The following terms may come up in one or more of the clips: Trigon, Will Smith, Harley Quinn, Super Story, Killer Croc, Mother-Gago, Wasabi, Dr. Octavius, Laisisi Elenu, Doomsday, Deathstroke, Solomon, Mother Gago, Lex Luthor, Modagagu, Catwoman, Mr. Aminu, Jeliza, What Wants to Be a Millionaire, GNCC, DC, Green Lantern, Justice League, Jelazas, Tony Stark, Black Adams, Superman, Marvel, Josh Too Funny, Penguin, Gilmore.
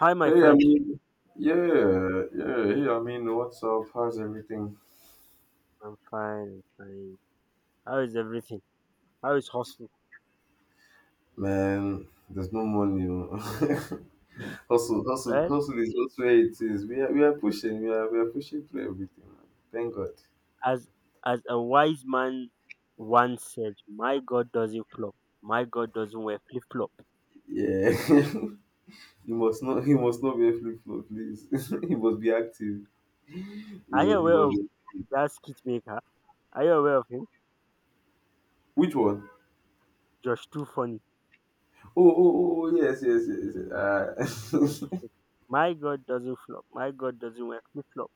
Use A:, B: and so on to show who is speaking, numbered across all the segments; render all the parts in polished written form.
A: Hi, my
B: Hey,
A: friend.
B: Hey, I mean, what's up? How's everything?
A: I'm fine. I'm fine. How is everything? How is hustle?
B: Man, there's no money. You hustle, hustle,
A: Well,
B: hustle is just where it is. We are pushing. We are pushing through everything. Man. Thank God.
A: as as a wise man once said, my God doesn't flop. My God doesn't wear flip flop.
B: Yeah. He must not. He must not be a flip flop, please. He must be active. He
A: Are you
B: was. He
A: aware
B: was.
A: of that skit maker? Are you aware of him?
B: Which one?
A: Josh Too Funny.
B: Oh, yes, yes, yes, yes.
A: He said, my God doesn't flop. My God doesn't wear flip flop.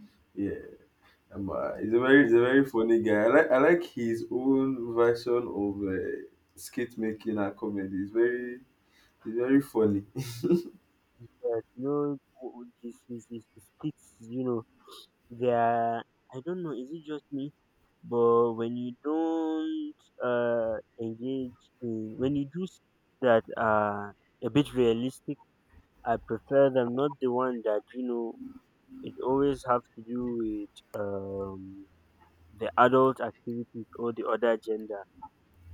B: yeah. He's a very funny guy. I like his own version of skit making and comedy. It's very funny.
A: Yes, his skits, there, I don't know, is it just me? But when you don't engage in when you do that are a bit realistic, I prefer them, not the one that it always have to do with the adult activities or the other gender.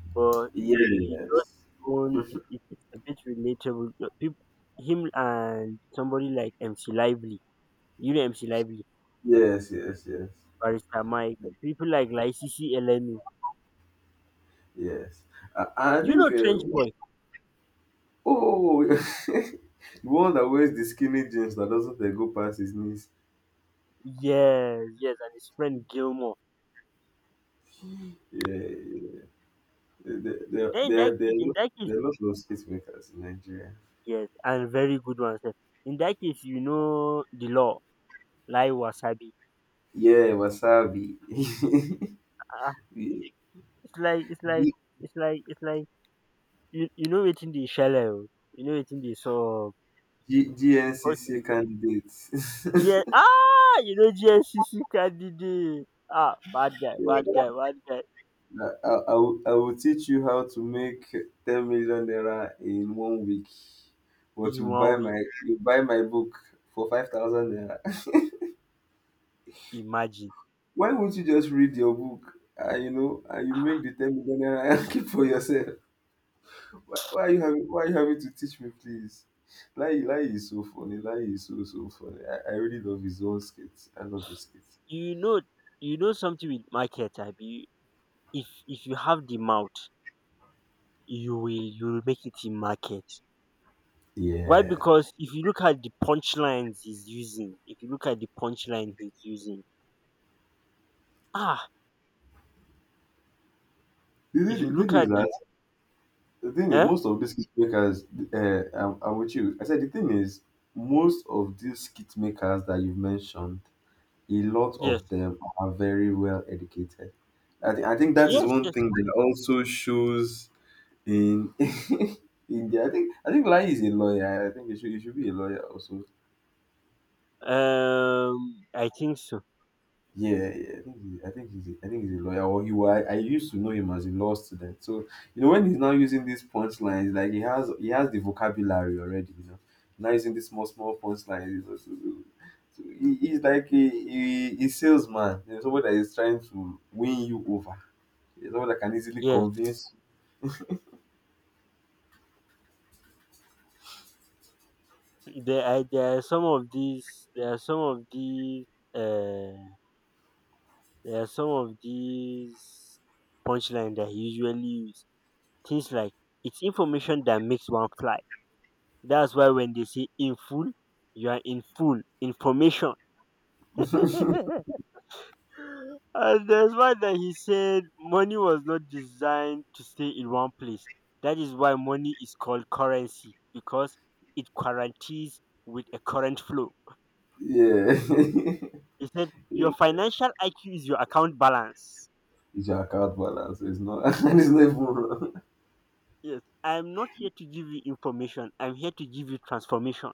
A: But the
B: Yes,
A: he does
B: yes,
A: his own it's a bit relatable. People, him and somebody like MC Lively. You know MC Lively?
B: yes, yes,
A: Barrister Mike, people like Laisisi Elenu.
B: yes. I, I
A: You know
B: think
A: Trench Boy?
B: oh, the one that wears the skinny jeans that doesn't go past his knees.
A: Yes, yes, and his friend Gilmore.
B: Yeah, there there
A: Then in that
B: there there are
A: case, in
B: lo-
A: that case,
B: there are lots of skit makers in Nigeria.
A: yes, and very good one, sir. In that case, you know the law, like Wasabi.
B: Yeah, Wasabi,
A: Ah,
B: G-
A: it's like, it's like, it's like, you know it in the shallow, you know it in the so. Okay,
B: GNCC
A: okay.
B: candidates.
A: You know GSCC candidate. Ah, bad guy, bad guy, bad guy.
B: I will teach you how to make 10 million naira in 1 week, but
A: Is
B: you buy
A: one week.
B: my you buy my book for 5,000 naira.
A: Imagine.
B: Why won't you just read your book and you know and you make the 10 million naira and keep for yourself? Why are you having to teach me, please? Lai Lai is so funny. Lai is so funny. I really love his own skits. I love his skits.
A: you know you know something with market abi, if you have the mouth, you will make it in market. Why?
B: Yeah.
A: Because if you look at the punchlines he's using, if you look at the punchline he's using ah
B: The,
A: if you
B: thing- the
A: look
B: thing is
A: at the
B: that The thing is,
A: eh
B: most of these kit makers, I'm with you. I said the thing is, most of these kit makers that you've mentioned, a lot of
A: Yes,
B: them are very well educated. I think that is
A: yes,
B: one
A: yes,
B: thing
A: yes, yes.
B: that also shows in India. I think Lai is a lawyer. I think he should be a lawyer also.
A: I think so.
B: Yeah, yeah, I think he's, a, I think he's a lawyer. Or he was. I used to know him as a law student. So you know, when he's now using these punchlines, like he has the vocabulary already. You know, now using these small, small punchlines. You know, so he's like a salesman. You know, someone that is trying to win you over. You know, someone that can easily
A: Yes,
B: convince.
A: there are some of these there are some of these uh there are some of these punchline that he usually use, things like, it's information that makes one fly. That's why when they say in full, you are in full information. and there's one that he said money was not designed to stay in one place. That is why money is called currency because it quaranties with a current flow.
B: Yeah,
A: He said
B: yeah.
A: your financial IQ is your account balance.
B: It's your account balance. So it's not. It's not even.
A: Yes, I'm not here to give you information. I'm here to give you transformation.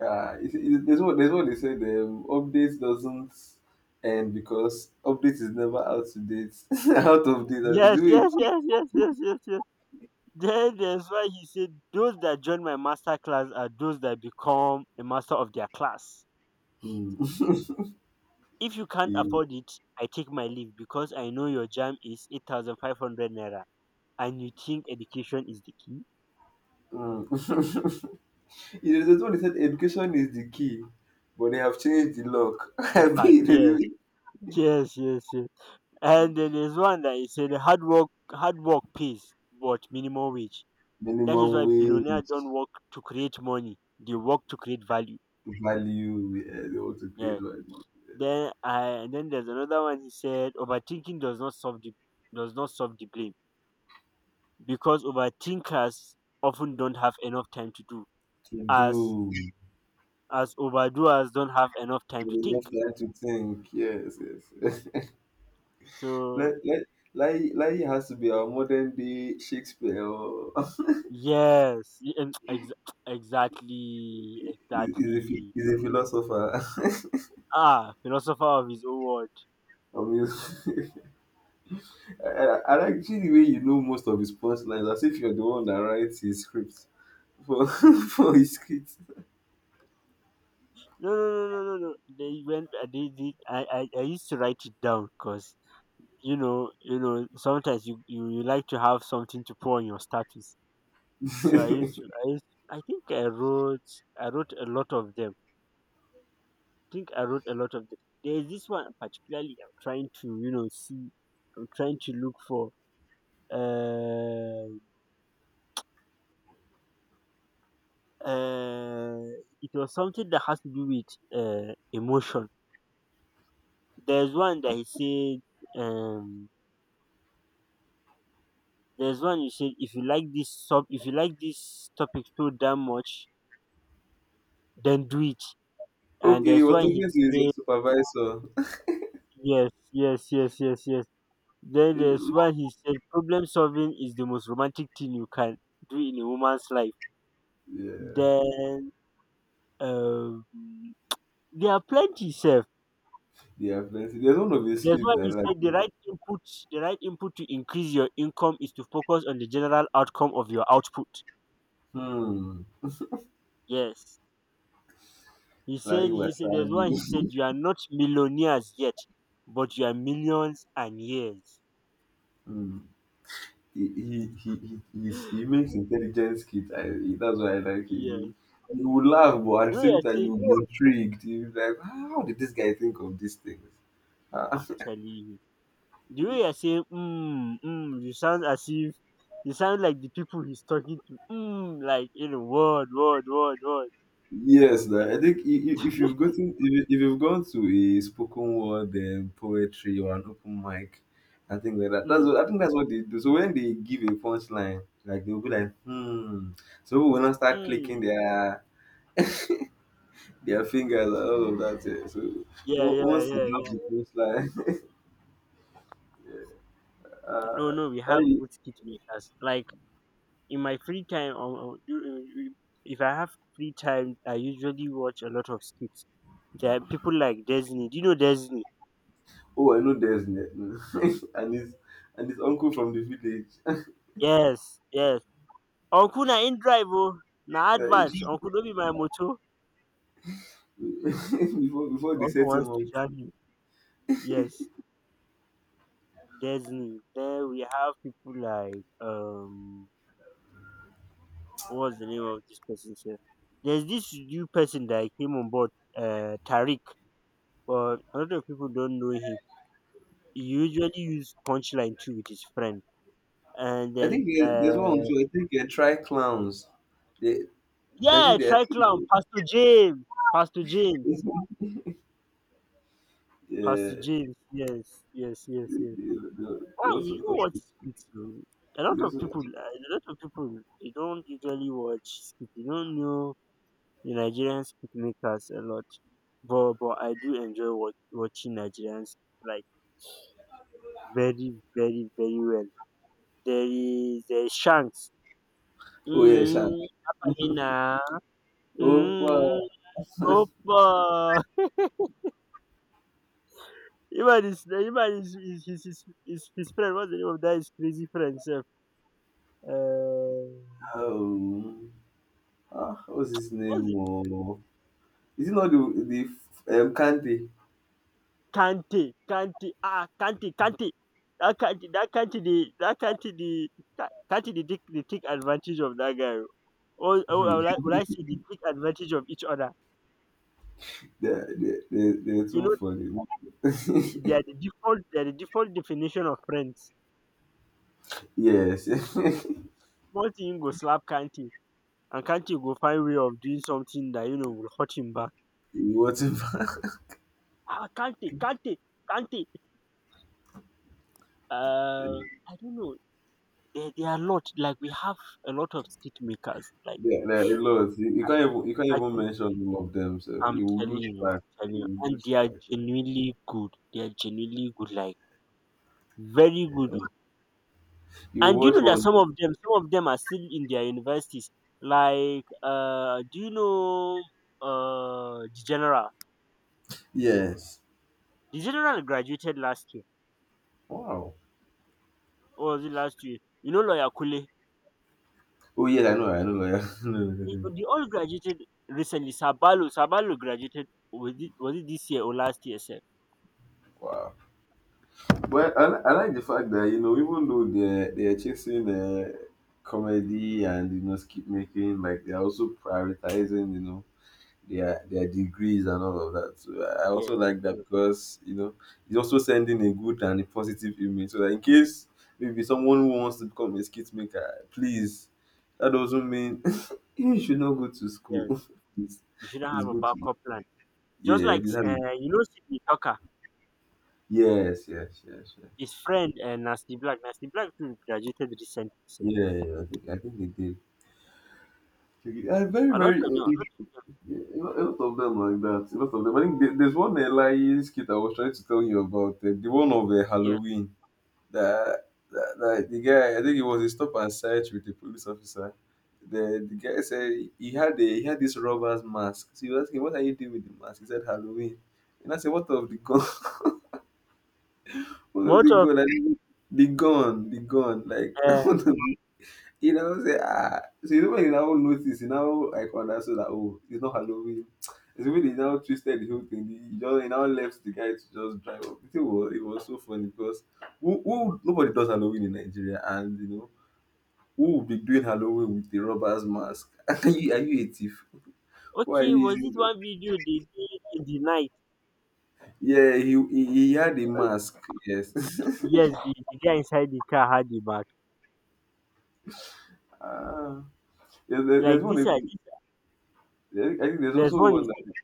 B: There's what they said. Update doesn't end because update is never out to date, out of date. Out of
A: Yes,
B: date.
A: yes, yes, yes, yes, yes, yes. Then that's why he said, those that join my master class are those that become a master of their class.
B: Hmm.
A: If you can't
B: Yeah.
A: afford it, I take my leave because I know your jam is 8,500 naira and you think education is the key.
B: Mm. It's there's what they said. Education is the key, but they have changed the lock.
A: The
B: I
A: part,
B: mean, there's
A: yes,
B: even
A: yes, yes, yes. And then there's one that he said, hard work pays, but minimum wage. That
B: minimum
A: is why
B: wage
A: billionaires don't work to create money, they work to create value.
B: value. Yeah, they want to create
A: Yes.
B: value
A: Then there's another one he said overthinking does not solve the blame, because overthinkers often don't have enough time to do
B: to
A: as
B: do.
A: overdoers don't have enough time to
B: We have
A: think.
B: time to think. Yes, yes.
A: So
B: let, let, Lai has to be our modern day Shakespeare. Or
A: yes, exactly,
B: He's he's a phi-
A: exactly.
B: he's a philosopher.
A: Ah, philosopher of his own word.
B: Of his- I like the way you know most of his punchlines as if you're the one that writes his script for for his kids.
A: No, no, no, no, no, no. They went. I used to write it down because Sometimes you like to have something to put on your status. So I used to, I used, I think I wrote a lot of them. I think I wrote a lot of them. There's this one particularly I'm trying to, see, I'm trying to look for. Uh, uh, it was something that has to do with emotion. There's one that he said, there's one you said, if you like this sub, if you like this topic so damn much, then do it. And
B: Okay, he
A: there's
B: was
A: one he
B: talking to
A: said,
B: his supervisor.
A: yes, yes, yes, yes, yes. Then there's
B: Eh,
A: one he said problem solving is the most romantic thing you can do in a woman's life.
B: yeah,
A: Then um, there are plenty self.
B: yeah, plenty. There's one of his
A: There's
B: kids
A: one
B: I
A: he said
B: like.
A: the right input to increase your income is to focus on the general outcome of your output.
B: Hmm,
A: Yes. He
B: like
A: said he said there's
B: wasabi.
A: one he said you are not millionaires yet, but you are millions and years.
B: Hmm. He makes intelligence kid. That's why I like him. You,
A: Yes.
B: you will laugh, but at
A: You
B: the
A: know
B: same
A: you're
B: time you
A: saying?
B: will be intrigued. You'll be like, "Ah, how did this guy think of these things? Ah."
A: I'm telling you. The way you're saying "mm, mm," you sound as if you sound like the people he's talking to. Mm, like you know, word, word, word, word.
B: Yes, na, I think if you've gotten if you've gone to a spoken word poetry or an open mic, I think like that.
A: Mm,
B: I think that's what they do. So when they give a punchline, like they'll be like, hmm. So people will not start clicking
A: mm.
B: their fingers and all of that, eh. So
A: Yeah, yeah,
B: once you
A: yeah,
B: drop the
A: yeah.
B: punchline.
A: No,
B: Uh,
A: no, we have
B: I
A: good skit makers. Like in my free time, if I have free time, I usually watch a lot of skits. There are people like Disney. Do you know Disney?
B: Oh, I know and his and his uncle from the village.
A: Yes, yes. Uncle na in drive oh, na
B: Like,
A: advert. Uncle don't be my motor.
B: before they
A: Uncle
B: set him
A: wants
B: up,
A: to jam you. Yes. Disney. Then we have people like what's the name of this person here? There's this new person that came on board, Tariq, but a lot of people don't know him. He usually use punchline too with his friend. And
B: I
A: then
B: think there's one too. I think they try clowns. They, I think
A: yeah,
B: they, I
A: try
B: think
A: clown,
B: they
A: Pastor James. Pastor James.
B: yeah,
A: Pastor James, yes, yes, yes,
B: they,
A: yes.
B: they, they they
A: Wow,
B: also,
A: you do watch skits. You A lot
B: they
A: of
B: also
A: people, a lot of people, they don't usually watch skits. They don't know. The Nigerians picnic has a lot, but I do enjoy watching Nigerians like very very very well. There is a chance.
B: oh yeah, Shan.
A: Mm, Apamina.
B: Oh
A: Mm,
B: wow.
A: Opa. Even his his friend. What's the name of that? His crazy friend, self. Uh,
B: Um, ah, what's his name?
A: what's
B: Oh, is it not the the Kante?
A: Kante, Kante, ah, Kante, Kante. That Kante, that Kante, the, that Kante, the, Kante, the take advantage of that guy. Or I
B: Hmm.
A: would like, would I say the take advantage of each other?
B: They're
A: You
B: too
A: know,
B: funny.
A: they are the default definition of friends.
B: Yes.
A: Small thing go slap Kante, and Kante go find way of doing something that you know will hurt him back.
B: Whatever.
A: Ah, Kante, Kante, Kante. Uh, I don't know. There are a lot. Like we have a lot of stick makers. Like
B: There are a lot. You, you can't even you can't
A: I
B: even
A: can
B: mention all of them, so
A: I'm
B: you will
A: telling
B: lose
A: you,
B: track.
A: I'm telling
B: You
A: you.
B: will
A: And
B: lose
A: they are
B: track.
A: genuinely good. They are genuinely good, like very good. Oh.
B: You
A: And do you
B: watch
A: know that
B: one.
A: some of them are still in their universities. Like, do you know the general?
B: Yes.
A: The general graduated last year,
B: Wow.
A: or was it last year? You know lawyer Kule.
B: Oh yes, I know. I know. I know.
A: They all graduated recently. Sabalo, Sabalo graduated. Was it this year or last year, sir?
B: Wow. But I like the fact that you know even though they're chasing comedy and you know skip making, like they're also prioritizing you know their degrees and all of that. So I also
A: Yes,
B: like that
A: yes,
B: because you know it's also sending a good and a positive image. So that in case maybe someone who wants to become a skit maker, please, that doesn't mean you should not go to school.
A: yes.
B: it's,
A: You shouldn't
B: it's
A: have a
B: good to
A: backup plan. Just
B: yeah,
A: like
B: it's having-
A: you know Sidney Tucker.
B: yes, yes, yes, yes.
A: His friend, Nasty Black, Nasty Black too graduated recently, so
B: Yeah, yeah, I think they did. Yeah, very,
A: a lot
B: very.
A: of, no, a lot of,
B: Yeah, a lot of them like that. A lot of them. I think there's one lying skit I was trying to tell you about. The one of
A: yeah.
B: Halloween. that, that the guy, I think it was a stop and search with the police officer. The guy said he had a, he had this robber's mask. So he was asking, "What are you doing with the mask?" He said, "Halloween." And I said, "What of the gun? What of
A: What
B: the
A: of,
B: gun? I didn't- the gun, like
A: uh,
B: what of-" you know. Say ah, so you know when you now notice, you now like understood that oh, it's not Halloween. It's when he now twisted the whole thing. He now left the guy to just drive up. It was so funny because who nobody does Halloween in Nigeria, and you know who will be doing Halloween with the robber's mask? Are you a thief? Why are
A: okay,
B: you
A: was
B: using
A: it
B: the...
A: one video they did in the night?
B: Yeah, he had a mask. Yes.
A: Yes, the guy inside the car had the bag.
B: Ah, yeah, there's
A: Like this,
B: one. I think there's
A: there's
B: also
A: one
B: one
A: he
B: that,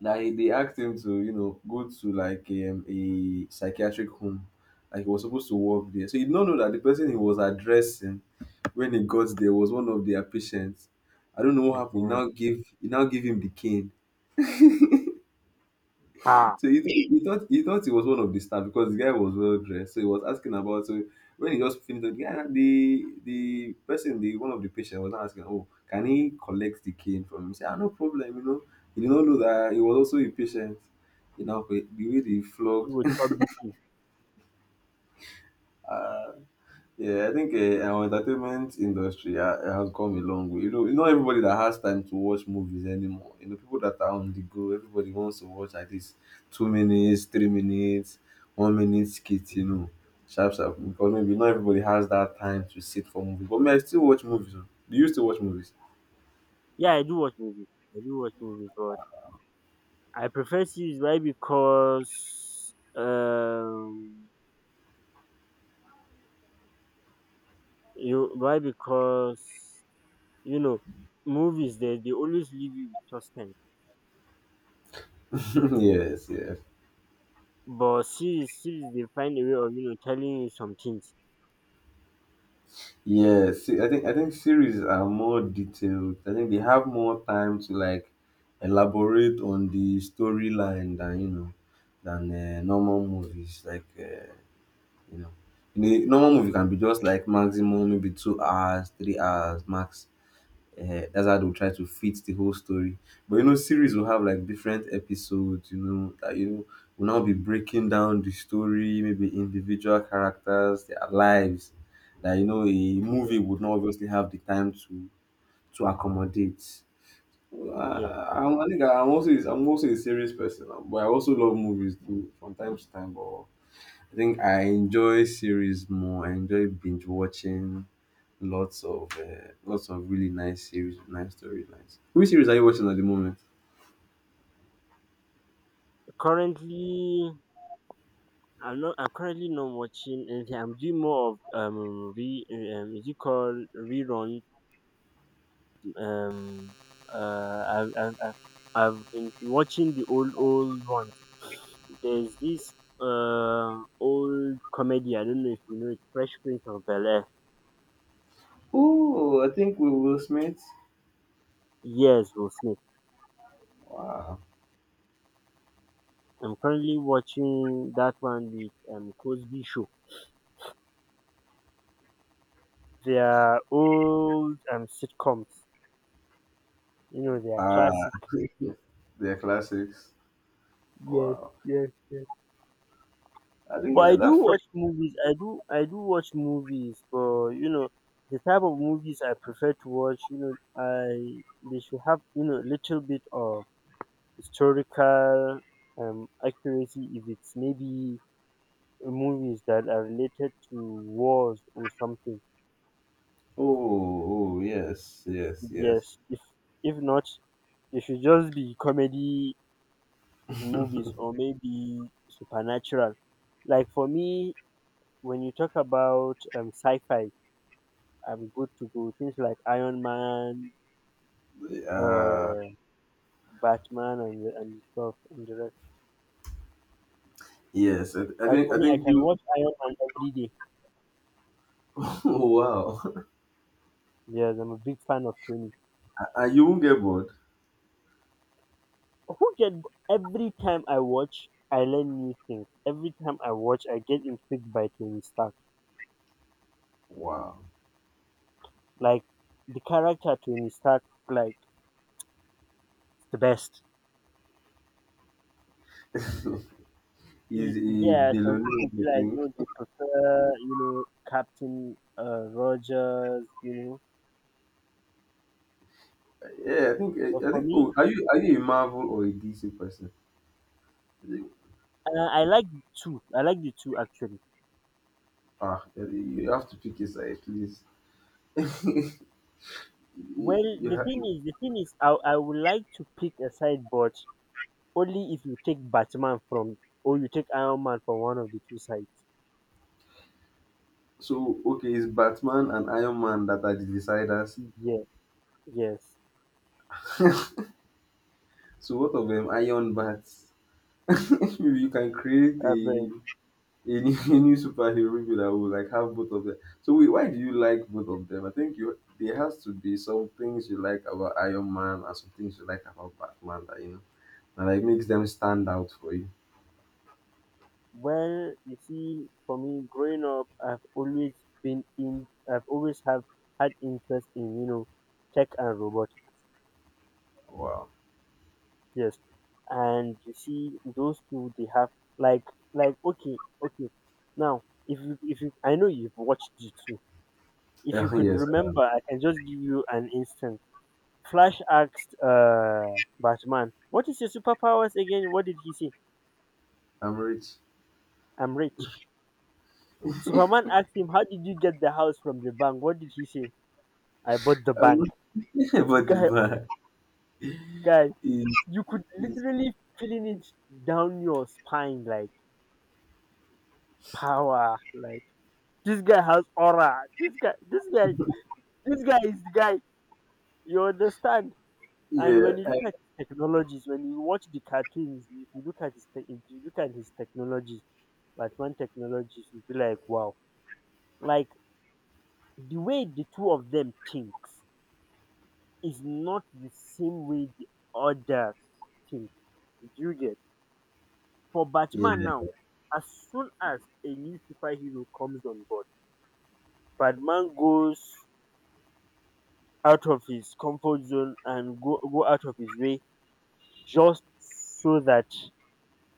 B: that they asked him to, you know, go to like a psychiatric home. Like he was supposed to work there. So he did not know that the person he was addressing when he got there was one of their patients. I don't know what
A: said,
B: happened. He now gave he now gave him the cane.
A: ah,
B: So he thought he was one of the staff because the guy was well dressed. So he was asking about so when he just finished the guy the person the one of the patient was now asking, oh, can he collect the cane from him? He said, ah, no problem, you know. He did not know that he was also a patient. You know, the way they
A: it
B: flogged
A: would chop BT.
B: yeah, I think our entertainment industry has come a long way. You know, not everybody that has time to watch movies anymore. You know, people that are on the go, everybody wants to watch at least 2 minutes, 3 minutes, 1 minute skit. You know, sharp sharp. Because maybe not everybody has that time to sit for movies. But me, I still watch movies, oh. Do you still watch movies?
A: Yeah, I do watch movies. I do watch movies, but I prefer series. Why? Because you why? Because you know, movies they always leave you with suspense.
B: Yes, yeah.
A: But see they find a way of you know telling you some things.
B: Yes, I think series are more detailed. I think they have more time to like elaborate on the storyline than you know than normal
A: Yeah.
B: movies. Like you know, in a normal movie can be just like maximum maybe 2 hours, 3 hours max. Eh, that's how they'll try to fit the whole story. But you know, series will have like different episodes, you know, that you know will now be breaking down the story, maybe individual characters, their lives. That you know, a movie
A: Yeah.
B: would not obviously have the time to accommodate.
A: yeah.
B: Uh, I think I'm also a serious person, but I also love movies too from time to time. But I think I enjoy series more. I enjoy binge watching lots of lots of really nice series, with nice storylines. Which series are you watching at the moment?
A: Currently I'm currently not watching anything. I'm doing more of re is it called rerun? um I've been watching the old old ones. There's this old comedy, I don't know if you know it, Fresh Prince of Bel Air.
B: Oh, I think with Will Smith.
A: Yes, Will Smith.
B: Wow.
A: I'm currently watching that one with Cosby Show, their old sitcoms. You know, they are
B: Ah,
A: classic.
B: they're classics.
A: Yes,
B: Wow.
A: yes, yes.
B: I
A: But
B: think
A: I
B: that
A: do
B: friend.
A: watch movies. I do watch movies. But you know, the type of movies I prefer to watch, you know, I they should have you know a little bit of historical accuracy. If it's maybe movies that are related to wars or something.
B: Oh, oh, yes, yes, yes.
A: Yes. If not, it should just be comedy movies or maybe supernatural. Like for me, when you talk about sci-fi, I'm good to go. Things like Iron Man,
B: Uh,
A: uh, Batman, and stuff and the rest.
B: yes.
A: Like for me, I can watch Iron Man every day.
B: Oh, wow.
A: Yes, I'm a big fan of Tony.
B: And you won't get bored.
A: Who get every time I watch, I learn new things. Every time I watch, I get intrigued by Tony Stark.
B: Wow.
A: Like the character Tony Stark, like the best.
B: Is a
A: Yeah, some
B: billionaire?
A: people be
B: I
A: like,
B: think.
A: no, they prefer, you know, Captain Rogers, you know.
B: Yeah,
A: But
B: I
A: for
B: think.
A: me,
B: Oh, are you a Marvel or a DC person?
A: I like the two. I like the two actually.
B: Ah, Eddie, you have to pick a side, please.
A: Well,
B: you
A: the
B: have,
A: thing is, the thing is, I would like to pick a side, but only if you take Batman from or you take Iron Man from one of the two sides.
B: so okay, it's Batman and Iron Man that are the deciders.
A: Yeah, yes.
B: So what of them Iron Bats? Maybe you can create
A: Uh, but,
B: a new, a new superhero movie that will like have both of them. So wait, why do you like both of them? I think you there has to be some things you like about Iron Man and some things you like about Batman that you know and like makes them stand out for you.
A: well, you see, for me, growing up, I've always been in. I've always have had interest in, you know, tech and robotics.
B: Wow.
A: Yes. And you see those two they have like like okay. Now if you I know you've watched the two. If you could
B: Yes, I am.
A: remember I can just give you an instant. Flash asked Batman, what is your superpowers again? What did he say?
B: I'm rich.
A: I'm rich. Superman asked him, how did you get the house from the bank? What did he say? I bought the
B: Um,
A: bank.
B: but the
A: Guy
B: bar
A: guy,
B: is.
A: you could literally feeling it down your spine like power, like this guy has aura. This guy, this guy is the guy. You understand? And when
B: Yeah,
A: you
B: eh,
A: look at his technologies, when you watch the cartoons, if you look at his, if you look at his technologies, Batman technologies, you be like, wow. Like the way the two of them thinks is not the same way the others think. Do you get? For
B: yeah,
A: Batman now, as soon as a new superhero comes on board, Batman goes out of his comfort zone and go out of his way just so that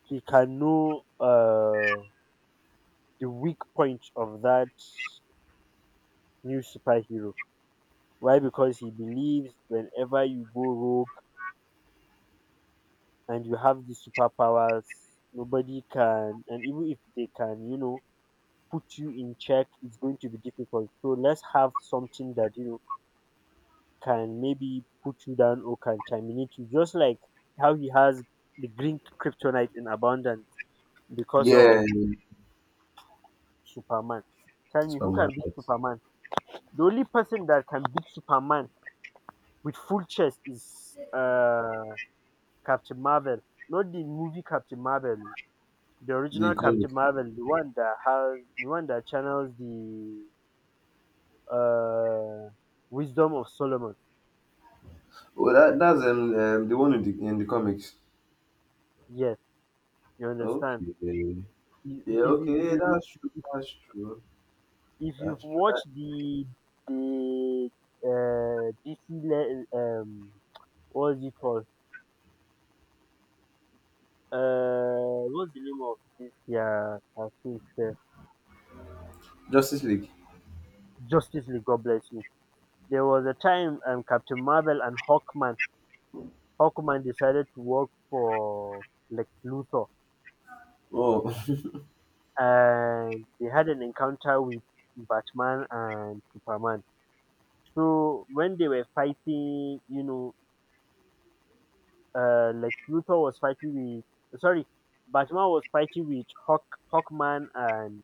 A: he can know the weak point of that new superhero. Why? Because he believes whenever you go rogue and you have the superpowers, nobody can, and even if they can, you know, put you in check, it's going to be difficult. So let's have something that, you know, can maybe put you down or can terminate you, just like how he has the green kryptonite in abundance because
B: yeah.
A: of Superman. Tell me, who can beat
B: Supermarket.
A: Superman? The only person that can beat Superman with full chest is Captain Marvel, not the movie Captain Marvel, the
B: The
A: original Captain
B: comic.
A: Marvel, the one that has the one that channels the uh, wisdom of Solomon.
B: Oh, that's the one in the comics.
A: Yes, you understand.
B: Okay. Yeah.
A: If you
B: Okay.
A: if
B: Yeah,
A: you
B: that's true. That's true.
A: if you've
B: That's true.
A: watched the DC what's it called? What's the name of this yeah cartoon sef?
B: Justice League.
A: Justice League, God bless you. There was a time Captain Marvel and Hawkman decided to work for Lex Luthor
B: Oh.
A: and they had an encounter with Batman and Superman. So when they were fighting, you know, like Luthor was fighting with sorry, Batman was fighting with Hawk, Hawkman, and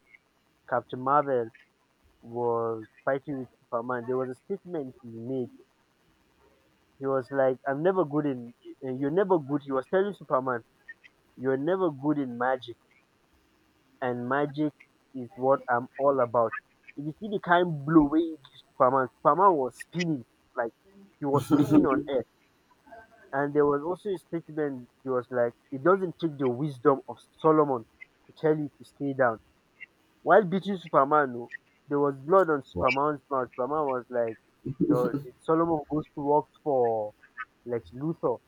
A: Captain Marvel was fighting with Superman. There was a statement he made. He was like, "I'm never good in. You're never good." He was telling Superman, "You're never good in magic, and magic is what I'm all about." If you see the kind blow way he gives Superman, Superman was spinning like he was spinning on air. And there was also a statement, he was like, it doesn't take the wisdom of Solomon to tell you to stay down. While beating Superman, no, there was blood on
B: Wow.
A: Superman's mouth. Superman was like, the Solomon goes to work for Lex Luthor.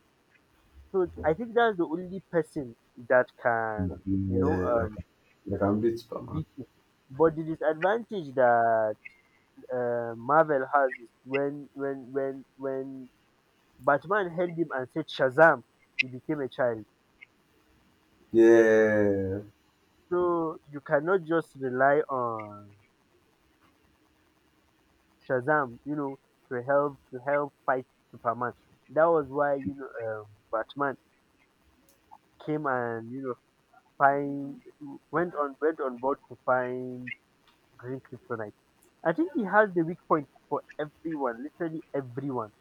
A: So
B: Yeah.
A: I think that's the only person that can, you know,
B: Like, like I'm beat Superman.
A: beat him. But the disadvantage that Marvel has is when Batman held him and said Shazam, he became a child.
B: Yeah.
A: So you cannot just rely on Shazam, you know, to help fight Superman. That was why you know Batman came and you know find went on board to find Green Kryptonite. I think he has the weak point for everyone, literally everyone,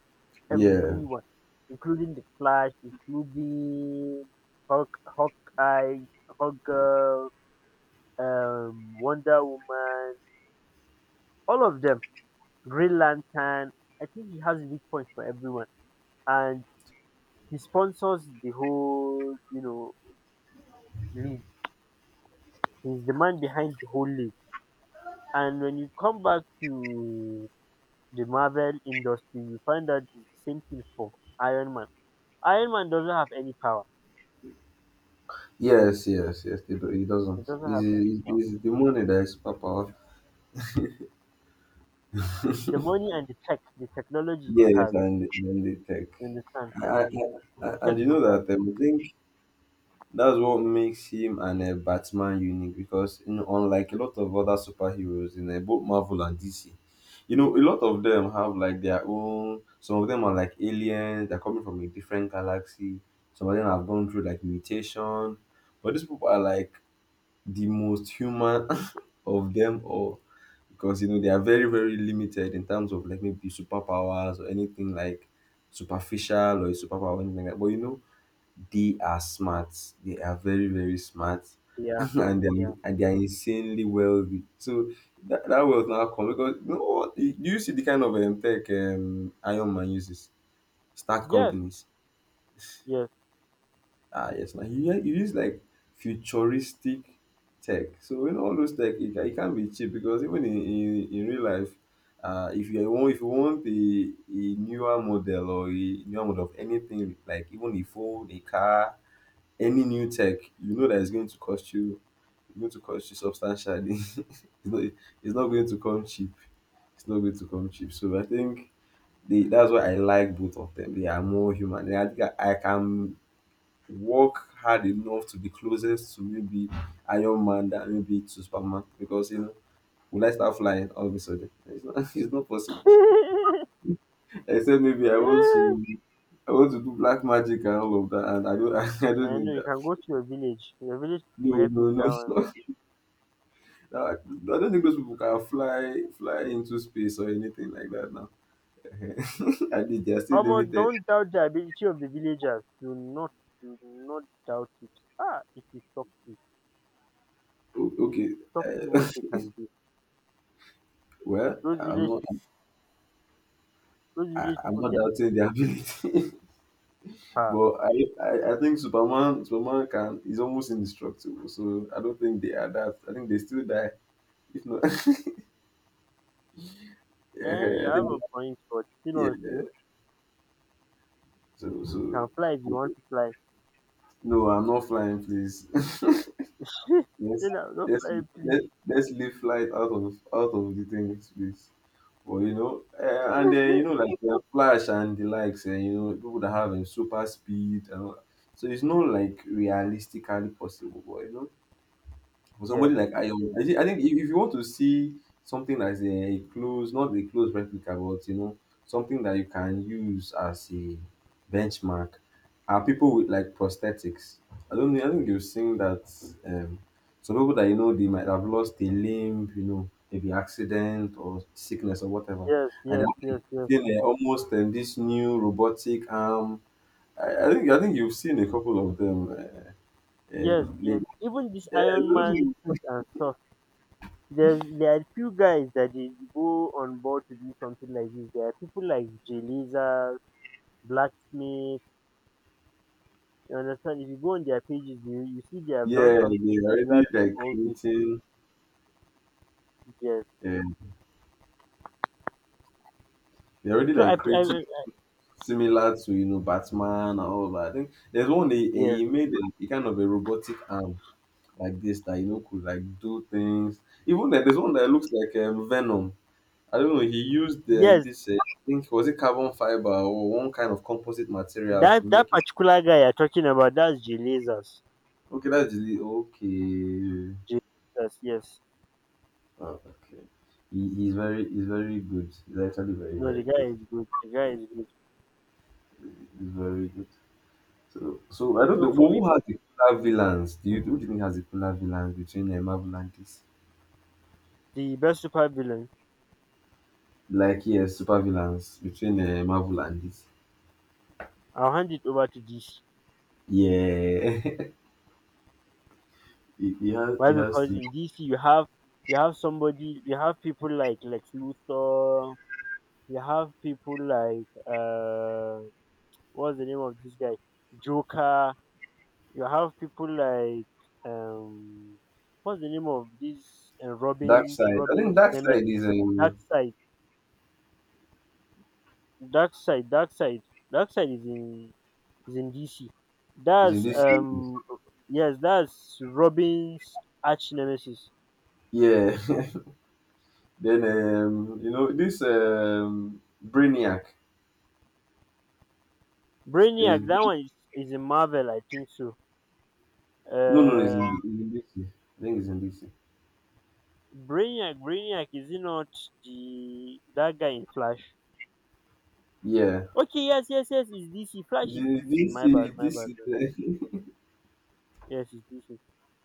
B: Yeah.
A: everyone, including the Flash, including Hawk, Hawkeye, Hawk Wonder Woman, all of them Green Lantern. I think he has weak points for everyone, and he sponsors the whole, you know, league. He's the man behind the whole league. And when you come back to the Marvel industry, you find out it's the same thing for Iron Man. Iron Man doesn't have any power.
B: Yes. Yes. Yes. It
A: He
B: doesn't.
A: doesn't have any power.
B: It's the money that is superpower.
A: The money and the tech, the technology he
B: Yes,
A: has,
B: and then they take.
A: you understand?
B: I, I,
A: The tech
B: and you
A: he
B: know
A: has.
B: that I think that's what makes him and Batman unique because you know, unlike a lot of other superheroes in both Marvel and DC, you know, a lot of them have like their own. Some of them are like aliens; they're coming from a different galaxy. Some of them have gone through like mutation, but these people are like the most human of them all because you know they are very very limited in terms of like maybe superpowers or anything like superficial or a superpower or anything like that. But you know they are smart. They are very, very smart.
A: Yeah, yeah.
B: And they are insanely wealthy. So that wealth now come because you know what? Do you see the kind of tech Iron Man uses? Start
A: Yes,
B: companies.
A: yes.
B: Ah, yes. Now he uses like futuristic tech. So you know all those tech, it can't be cheap because even in real life, if you want a newer model of anything like even a phone, a car, any new tech, you know that it's going to cost you going to cost you substantially. Not it's not going to come cheap. It's not going to come cheap. So I think that's why I like both of them. They are more human. I think I can work hard enough to be closest to maybe Iron Man than maybe to Superman because you know will I start flying all of a sudden? It's not, it's not possible. Except maybe I want to do black magic and all of that, and I don't I don't
A: I
B: need
A: know you
B: that.
A: can go to your village. Your village
B: No,
A: will help you
B: no,
A: with that one.
B: no. I don't think those people can fly into space or anything like that now. I think they are still
A: Omo
B: limited.
A: don't doubt the ability of the villagers. Do not doubt it. Ah it will shock you. It will
B: Okay,
A: shock you
B: uh,
A: what they can do.
B: well,
A: Those village those village
B: I'm
A: people
B: not
A: get
B: doubting their ability,
A: ah
B: but I, I think Superman can is almost indestructible. So I don't think they are that. I think they still die. If not,
A: eh you
B: yeah, I
A: have
B: think
A: a point but
B: yeah.
A: still
B: So
A: you can fly if you want to fly.
B: no, I'm not flying, please. Let's
A: Say don't
B: let's
A: fly please.
B: let's leave flight out of the thing, please. But you know, and then you know like the Flash and the likes, and you know people that have super speed and all that. So it's not like realistically possible. But you know, for somebody
A: Yes,
B: like Ayo,
A: yes,
B: I think if you want to see something as a close, not a close replica, but you know, something that you can use as a benchmark, are people with like prosthetics. I don't know, I think you've seen that um, some people that you know they might have lost a limb, you know, maybe accident or sickness or whatever,
A: yes,
B: and they're
A: yes,
B: like
A: yes, yes.
B: seeing almost this new robotic arm. I think you've seen a couple of them.
A: Yes, yes.
B: Lately.
A: Even this
B: yeah,
A: Iron
B: those
A: Man suit and stuff. There's there are few guys that they go on board to do something like this. There are people like Jeliza, Blacksmith, you understand? If you go on their pages, you see they have done
B: Yeah,
A: something
B: they're
A: similar
B: already
A: to
B: like
A: all those things.
B: creating,
A: Yes.
B: uh, they're already
A: So
B: like creating
A: I
B: similar to you know Batman and all that. I think there's one
A: yes,
B: he made a kind of a robotic arm like this that you know could like do things. Even that there's one that looks like Venom. I don't know. He used
A: yes.
B: this I think was it carbon fiber or one kind of composite material to
A: That that
B: make it.
A: particular guy you're talking about, that's Jelazas.
B: Okay, that's the okay.
A: Jelazas, yes.
B: Oh, okay. He's very good. He's actually very
A: No,
B: very
A: the guy
B: good.
A: is good. The guy is good.
B: He's very good. So, I don't
A: So
B: know.
A: for
B: Well,
A: me,
B: who has the cooler villains? Do you, who do you think has the cooler villains between Marvel and this?
A: the best supervillain,
B: Like, yeah, super villains between Marvel and this.
A: I'll hand it over to DC.
B: Yeah, he has
A: Why? Because
B: to.
A: in DC you have somebody, you have people like Lex Luthor, you have people like what's the name of this guy, Joker. You have people like um what's the name of this
B: Dark side. I think
A: Robin's
B: Dark side
A: nemesis? Dark side. Dark side. Dark side is in DC.
B: is in
A: That's
B: this series.
A: yes, that's Robin's arch nemesis.
B: Yeah. Then you know this Brainiac
A: Brainiac,
B: is.
A: that one is in Marvel, I think so.
B: No, no, it's
A: Uh
B: it's in DC. I think it's in DC.
A: Brainiac, is he not the that guy in Flash?
B: Yeah.
A: Okay, yes, yes, yes, it's DC. Flash
B: It's
A: is
B: in
A: DC. My
B: DC.
A: bad, my
B: This
A: bad.
B: is
A: Yes, it's DC.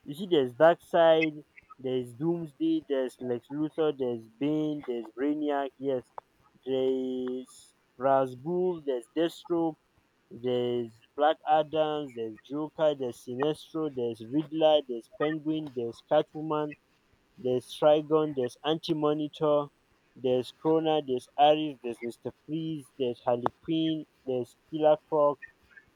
A: You see, there's Darkseid, there's Doomsday, there's Lex Luthor, there's Bane, there's Brainiac, yes, there's Razgul, there's Deathstroke, there's Black Adams, there's Joker, there's Sinestro, there's Riddler, there's Penguin, there's Catwoman, there's Trigon, there's Anti-Monitor, there's Krona, there's Ares, there's Mr. Freeze, there's Harley Quinn, there's Killer Croc.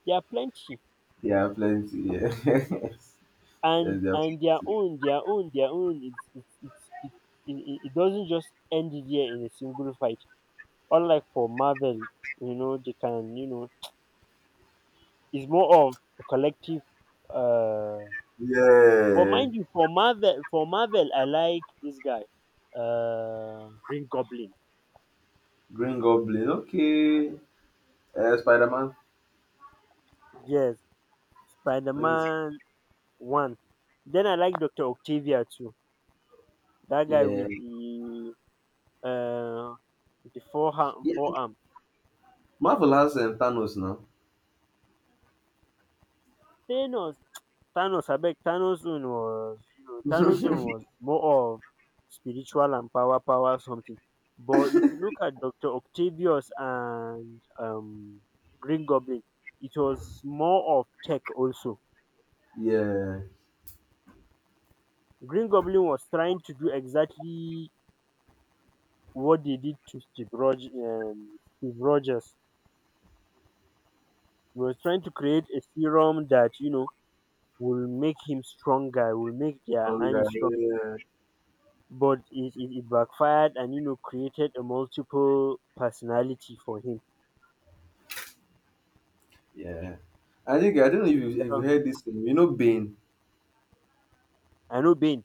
A: There are plenty.
B: yeah plenty. Yeah. yes,
A: And
B: there are plenty.
A: their own it's it, it, it doesn't just end here in a single fight unlike for Marvel, you know they can you know it's more of a collective uh but
B: Yeah,
A: mind you, for Marvel, I like this guy, Green Goblin.
B: Green Goblin. Okay, Spider Man.
A: Yes, Spider-Man one, then I like Dr. Octavia too, that guy
B: Yeah,
A: uh with the
B: yeah.
A: forearm.
B: Marvel has Thanos now.
A: Thanos, Thanos abeg, Thanos own was, you know, Thanos own was more of spiritual and power something. But if you look at Dr. Octavius and Green Goblin, it was more of tech also.
B: Yeah,
A: Green Goblin was trying to do exactly what they did to Steve Rogers, Steve Rogers, he was trying to create a serum that you know will make him stronger, will make their
B: strong
A: army
B: guy.
A: stronger.
B: Yeah,
A: But it backfired and you know created a multiple personality for him.
B: yeah. I think I don't know if you
A: Yeah.
B: heard this thing. You know, Bane.
A: I know Bane.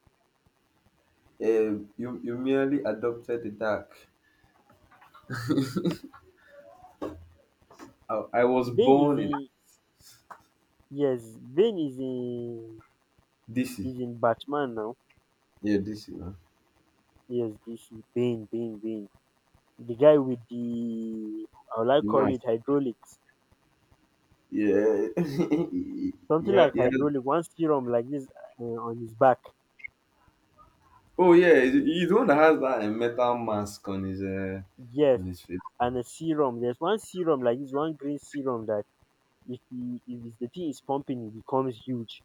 B: You merely adopted the dark. I was
A: Bane is
B: born in
A: in yes, Bane
B: DC.
A: is in Batman now.
B: Yeah, DC now.
A: Yes, this is Bane. The guy with the I would like
B: The
A: call
B: mask.
A: it hydraulics.
B: Yeah,
A: Something
B: yeah,
A: like
B: yeah.
A: hydraulic, one serum like this on his back.
B: Oh yeah, he's the one that has that metal mask on his
A: Yes,
B: face. Now.
A: and a serum. There's one serum like this, one green serum that if the thing is pumping, it becomes huge.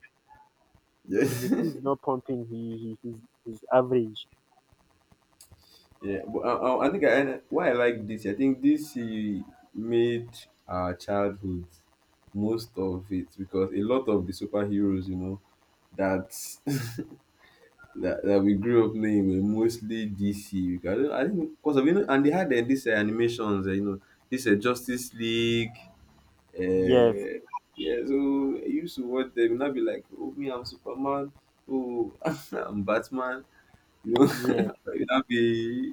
A: If the
B: Yeah.
A: thing is not pumping he's average.
B: Yeah, but I think, why I like this, I think this made our childhood most of it because a lot of the superheroes, you know, that that we grew up knowing were mostly DC. Because I, don't- I think because of you know, and they had these animations, eh, you know, this Justice League.
A: Yes,
B: Uh, yeah, so I used to watch them, and I'd be like, "Oh, me, I'm Superman. Oh, I'm Batman." You know,
A: yes.
B: you now be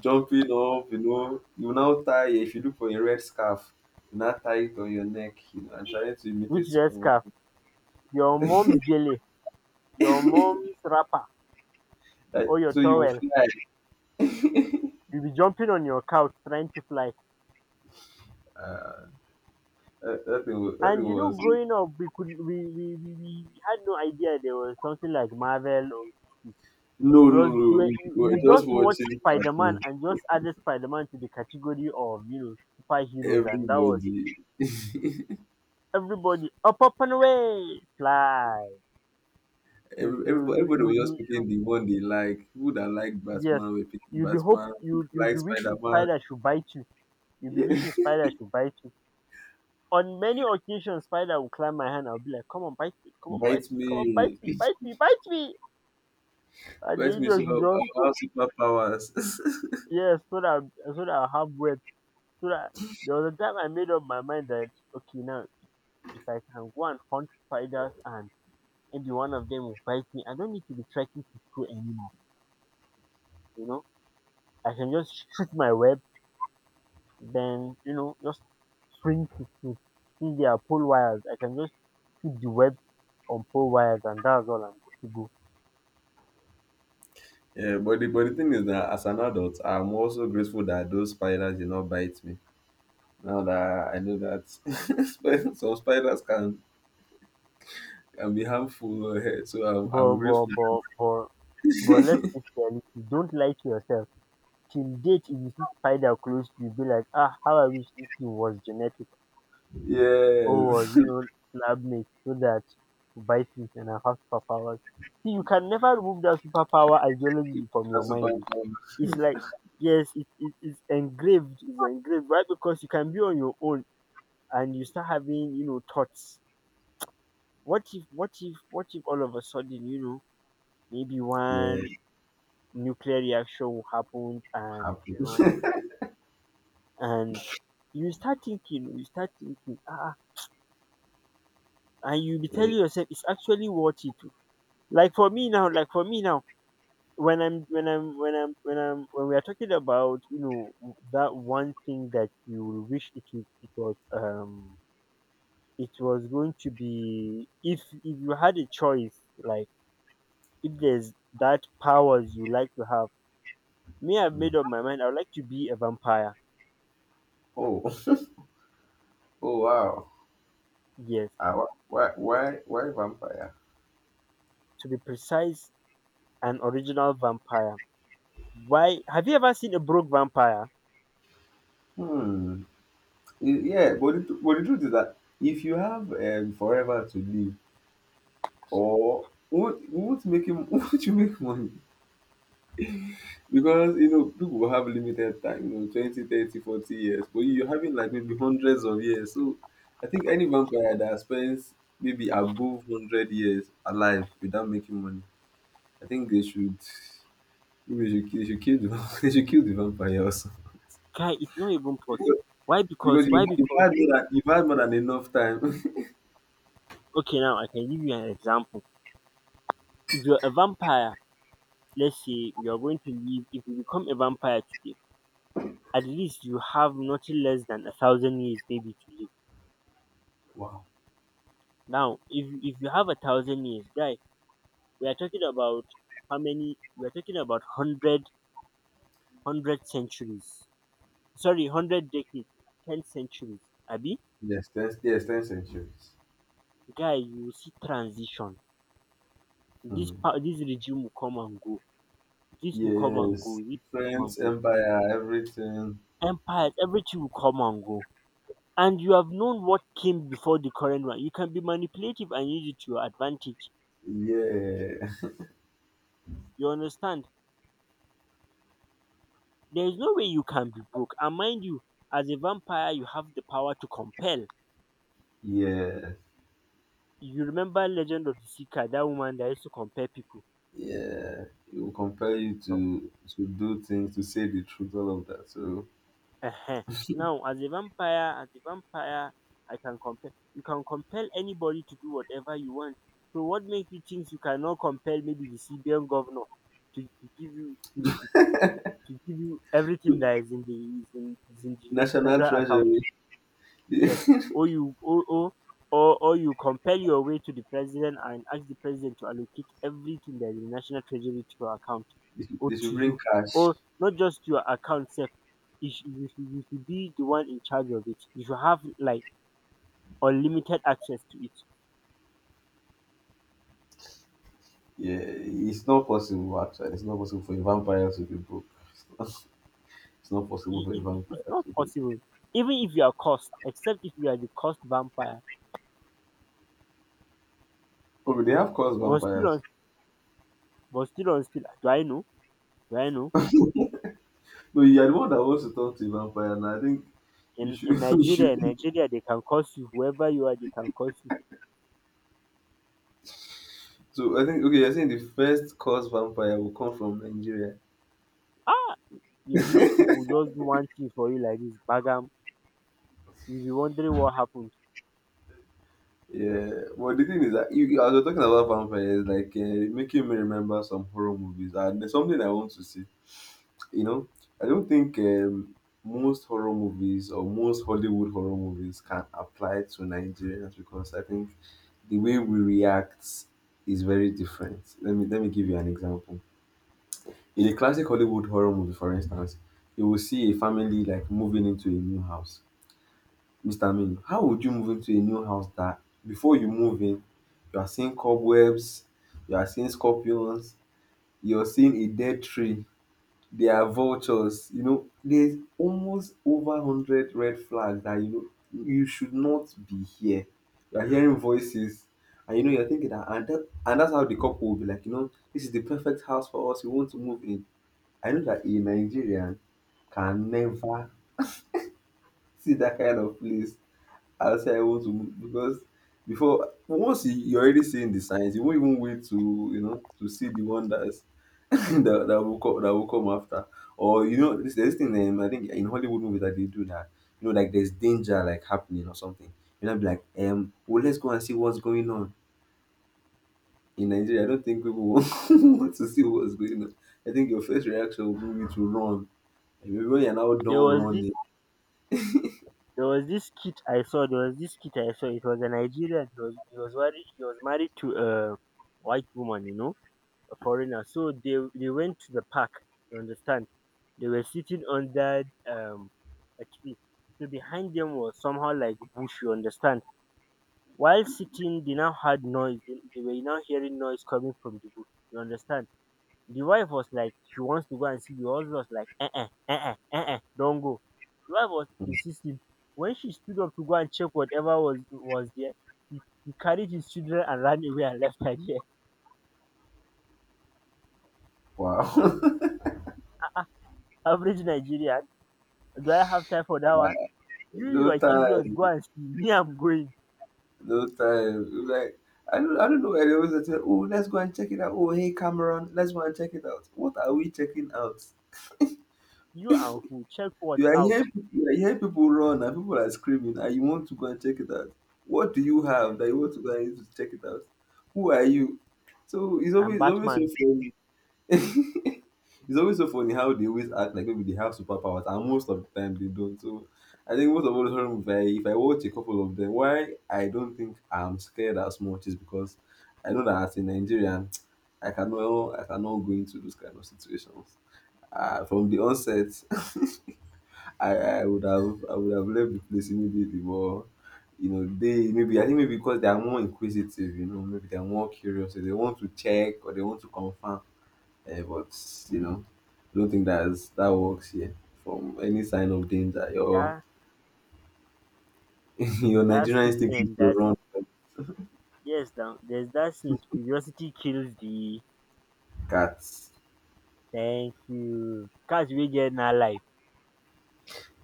B: jumping up, you know. You now tie, if you look for a red scarf, you now tie it on your neck, you know, and trying to
A: Which
B: imitate
A: dress
B: Superman.
A: scarf? Your mom's gele, your mom's wrapper, or
B: Like,
A: your
B: so you will
A: towel.
B: fly.
A: You'll be jumping on your couch trying to fly.
B: Uh, that thing
A: And you know,
B: was.
A: growing up, we could we had no idea there was something like Marvel or DC.
B: No, no, no. We were
A: You
B: just
A: just watched
B: watching
A: Spider Man
B: cartoon.
A: and just added Spider Man to the category of you know superheroes and that was it.
B: Everybody,
A: Everybody up up and away, fly.
B: everybody was just
A: You
B: picking the one they like. People that like
A: yes,
B: Batman were picking
A: you'll be hope
B: Batman. People that
A: you'll
B: like
A: be
B: Spider
A: wishing
B: Man.
A: spider should bite you. You'll be
B: Yeah.
A: wishing spider should bite you. On many occasions, spider will climb my hand. I'll be like, "Come on, bite me! Come on, bite
B: Bite
A: me! Come on, bite
B: me.
A: me! Bite me! Bite me!" And
B: Bite
A: the
B: me so
A: idiot will just
B: I'll have
A: go.
B: superpowers.
A: Yes, so that I have web. So that there was a time I made up my mind that okay, now if I can go and hunt spiders and maybe one of them will bite me, I don't need to be trekking to school anymore. You know, I can just shoot my web then you know just swing to see their pole wires. I can just put the web on pole wires and that's all I'm good to go.
B: Yeah, but the thing is that, as an adult, I'm also grateful that those spiders did not bite me. Now that I know that some spiders can be harmful, eh, so I'm
A: But but
B: grateful.
A: but but but let's face reality. Don't lie to yourself. Till date, if you see spider close, you'll be like, ah, how I wish this thing was genetic or was,
B: Yes,
A: you know, lab mate so that to buy things and I have superpowers. See, you can never remove that superpower ideology from your
B: that's
A: mind.
B: super
A: Eh.
B: cool.
A: It's like, yes, it's engraved, right? Because you can be on your own and you start having, you know, thoughts. What if all of a sudden, maybe
B: Yeah,
A: one nuclear reaction will happen and,
B: happy.
A: you know, and you start thinking, and you be
B: Yeah.
A: telling yourself it's actually worth it. Like for me now, when I'm when I'm when I'm when I'm when we are talking about, that one thing that you wish it was going to be, if you had a choice, like, if there's that powers you like to have. Me, I've made
B: Mm.
A: up my mind, I would like to be a vampire.
B: Oh, oh wow.
A: Yes,
B: Ah, why vampire?
A: to be precise, an original vampire. Why? Have you ever seen a broke vampire?
B: Hmm. Yeah, but but the truth is that, if you have forever to live, or what making what you make money? Because you know people have limited time, you know, 20, 30, 40 years, but you're having like maybe hundreds of years. So I think any vampire that spends maybe above 100 years alive without making money, I think they should, maybe they should kill the they should kill the vampire also,
A: Guy, it's not even possible. why because
B: because
A: why
B: you've
A: because
B: had you've had more than enough time.
A: okay, now I can give you an example. If you're a vampire, let's say you're going to live, if you become a vampire today, at least you have nothing less than 1,000 years maybe to live.
B: Wow.
A: Now, if you have 1,000 years, guy, we are talking about how many? We're talking about hundred centuries. Sorry, 100 decades. 10 centuries, abi?
B: Yes, 10 centuries.
A: Guy, you will see transition.
B: Hmm.
A: This regime will come and go, this will come and
B: Yes,
A: go, this will come
B: French
A: and go.
B: empire, everything.
A: Empires, everything will come and go, and you have known what came before the current one. You can be manipulative and use it to your advantage.
B: Yeah,
A: You understand? There is no way you can be broke. And mind you, as a vampire, you have the power to compel.
B: yeah.
A: You remember Legend of the Seeker, that woman that used to compel people.
B: Yeah, it will compel you
A: No.
B: to do things, to say the truth, all of that. So,
A: Ehen. Now, as a vampire I can compel, you can compel anybody to do whatever you want. So what makes you think you cannot compel maybe the CBN governor to, give you to, give you everything that is in the
B: national
A: federal account?
B: treasury,
A: Yes. Or you, or you compel your way to the president and ask the president to allocate everything that is in the national treasury to your account, or
B: they should
A: to
B: bring
A: you.
B: cash.
A: Or not just your account self. You should be the one in charge of it. You should have like unlimited access to it.
B: Yeah, it's not possible actually. It's not possible for a vampire to be broke. It's not it's not possible
A: It,
B: for a
A: it, it- It's
B: vampire
A: not
B: to be broke.
A: possible. Even if you are cursed, except if you are the cursed vampire.
B: Oh, but they have caused
A: But still
B: vampires.
A: on but still, do I know? Do I know?
B: No, you are the one that wants to talk to a vampire, and I think you
A: In
B: should.
A: in
B: You
A: Nigeria, in
B: should.
A: Nigeria they can curse you. Whoever you are, they can curse you.
B: So I think, okay, you're saying the first cause vampire will come from Nigeria.
A: Ah, your village people will just do one thing for you like this, Bagam. You'll be wondering what happened.
B: Yeah, but the thing is that you, as we're talking about vampires, like making me remember some horror movies, and there's something I want to see. You know, I don't think most horror movies or most Hollywood horror movies can apply to Nigerians because I think the way we react is very different. Let me give you an example. In a classic Hollywood horror movie, for instance, you will see a family like moving into a new house. Mr. Aminu, how would you move into a new house that before you move in, you are seeing cobwebs, you are seeing scorpions, you're seeing a dead tree, there are vultures, you know, there's almost over 100 red flags that you know you should not be here. You are hearing voices, and you know you're thinking that and that and that's how the couple will be like, you know, this is the perfect house for us, we want to move in. I know that a Nigerian can never see that kind of place as I want to move, because before once you're already seeing the signs, you won't even wait to you know to see the one that's that will come that will come after. Or you know, this there's this thing I think in Hollywood movies that they do that you know like there's danger like happening or something. You know, be like well, let's go and see what's going on in Nigeria. I don't think people want want to see what's going on. I think your first reaction will be to run. And maybe when you're now
A: there
B: done
A: was this
B: running,
A: there was this kid I saw there was this kid I saw It was a Nigerian. He was married to a white woman, you know, a foreigner. So they went to the park, you understand? They were sitting under a tree. So behind them was somehow like bush, you understand? While sitting, they now had noise, they were now hearing noise coming from the bush, you understand? The wife was like she wants to go and see, the husband was like, don't go. The wife was insisting. When she stood up to go and check whatever was there, he carried his children and ran away and left her there.
B: wow.
A: Average Nigerian, do I have time for that one? You
B: No
A: you are curious,
B: time.
A: go and see. Me, I'm going.
B: No time. It was like I don't know why they always say, "Oh, let's go and check it out." Oh, hey Cameron, let's go and check it out. What are we checking out?
A: You and who? Check what
B: You are
A: out.
B: hearing, you are hearing people run and people are screaming, and you want to go and check it out. What do you have
A: Yes.
B: that you want to go and use to check it out? Who are you? So
A: And
B: it's always so
A: Batman.
B: funny. It's always so funny how they always act like maybe they have superpowers, and most of the time they don't. So I think most of all the horror movies, I- if I watch a couple of them, why I don't think I'm scared as much is because I know that as a Nigerian, I cannot go into those kind of situations. From the onset, I would have I would have left the place immediately, but you know they maybe I think maybe because they are more inquisitive, you know, maybe they are more curious, so they want to check or they want to confirm. Eh, but you know, I don't think that's that works here. From any sign of danger, your
A: That
B: your
A: that
B: Nigerian instinct is
A: statement
B: to
A: that
B: run.
A: Yes, now, there's that scene, curiosity kills the...
B: Cats,
A: Thank you. Cats, we get in our life.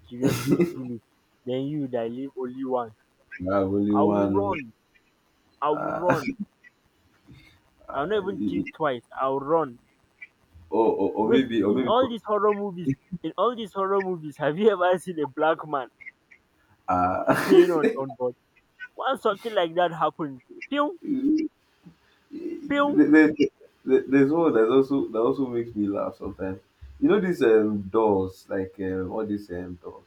A: Curiosity kill it, den you dat live only once.
B: you have only
A: I will
B: one. Oh.
A: run, I will run, I will not
B: Uh,
A: even think twice, I will run.
B: Or or, or
A: Wait,
B: maybe
A: in
B: or
A: in
B: maybe
A: all these horror movies, have you ever seen a black man
B: uh,
A: staying on board? Once something like that happens, pew, pew,
B: there- there- there's one that also makes me laugh sometimes. You know these doors, like all these doors.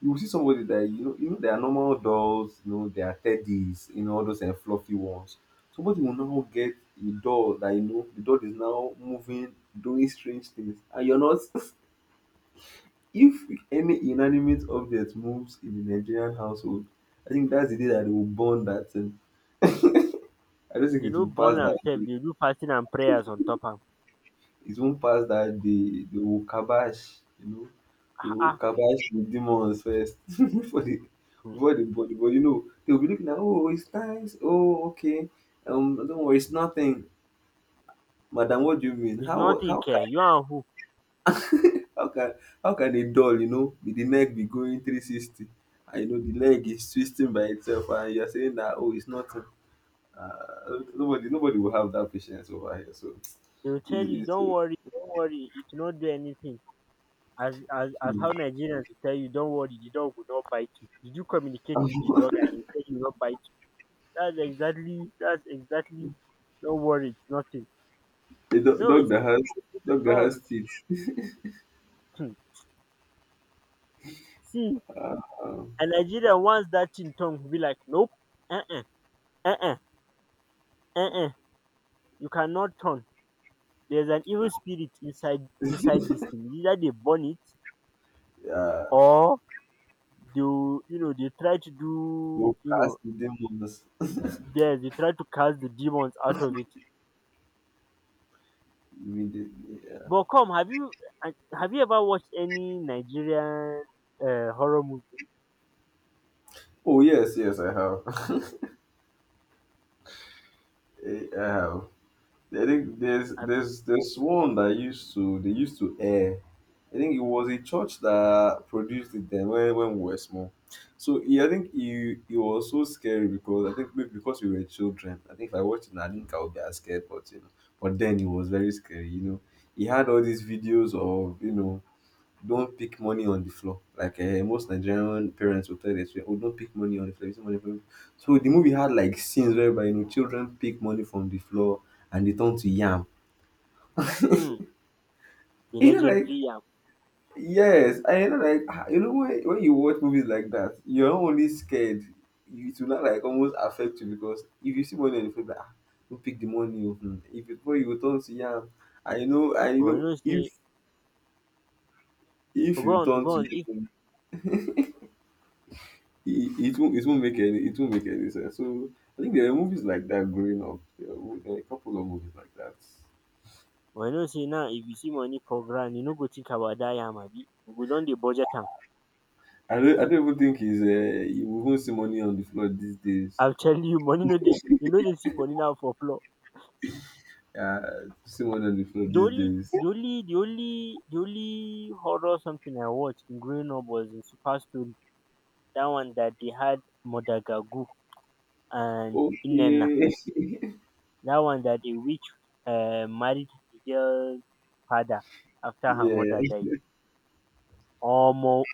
B: You will see somebody that you know there are normal dolls, you know, there are teddies, you know, all those fluffy ones. Somebody will now get a doll that you know the doll is now moving, doing strange things, and you're not. If any inanimate object moves in a Nigerian household, I think that's the day that they will burn that thing. I don't think
A: they
B: it
A: no
B: will
A: burn
B: pass that
A: themselves,
B: day.
A: they do fasting and prayers on top of.
B: It won't pass that day. They will kibosh, you know, they
A: Ah,
B: will
A: ah.
B: kibosh the
A: Hmm,
B: demons first
A: hmm.
B: before the body. But you know, they will be looking at, oh, it's nice. Oh, okay. Don't worry, it's nothing, madam. What do you mean?
A: It's nothing care, you and who?
B: How can how can a doll, you know, be the neck be going 360, and you know the leg is twisting by itself, and you're saying that, oh, it's nothing. Uh, nobody will have that patience over here. So,
A: They will tell you,
B: it's,
A: don't worry, it will not do anything. As how
B: it's
A: Nigerians will tell you, "Don't worry, the dog will not bite you." Did you communicate with the dog and he said he will not bite you? That's exactly Don't worry, it's nothing.
B: a do-
A: No, it's
B: dog
A: at
B: that
A: all.
B: has teeth.
A: Hmm. See,
B: Um,
A: a Nigerian wants that thing tongue will be like, nope, uh uh-uh, uh, uh uh uh you cannot turn. There's an evil spirit inside this thing. Either they burn it,
B: yeah,
A: or they try to do,
B: dog
A: you
B: that has
A: know
B: teeth, demons
A: there's they try to cast the demons out of it.
B: immediately. Yeah.
A: But come, have you, and have you ever watched any Nigerian horror movie?
B: Oh yes, yes, I have. I have. I think
A: Have,
B: there's one that used to they used to air. I think it was a church that produced it then when we were small. So yeah, I think it it was so scary because I think maybe because we were children. I think if I watched it now, I think I would be as scared, but you know, but then it was very scary. You know, he had all these videos of you know don't pick money on the floor. Like most Nigerian parents will tell their children, "Oh, don't pick money on the floor. You see money from-" So the movie had like scenes whereby you know children pick money from the floor and they turn to yam.
A: mm, the
B: You know, like,
A: legendary yam.
B: yes, I you know like, ah, you know when you watch movies like that, you're not only scared, you- it will not like almost affect you because if you see money on the floor, like, ah, don't pick the money. Oh, hmm. If it before you will turn to yam, I
A: But you
B: know
A: know say,
B: if
A: oh, go
B: you
A: on,
B: turn
A: go
B: to
A: on. If
B: it, it won't make any it won't make any sense. So I think there were movies like that growing up. There were a couple of movies like that.
A: But you know say now, if you see money for grand, you no go think about that yam, abi. We don dey budget am.
B: I don't even think he's you won't see money on the floor these days.
A: I'm telling you, money no dey. You no dey see money now for floor.
B: Uh, see money on the floor
A: The
B: these
A: only,
B: days.
A: the only, the only, the only horror something I watched in growing up was in Super Story. That one that they had Madagagu and Inena.
B: Okay.
A: That one that a witch marry the girl's father after her
B: Yeah,
A: mother died. Omo!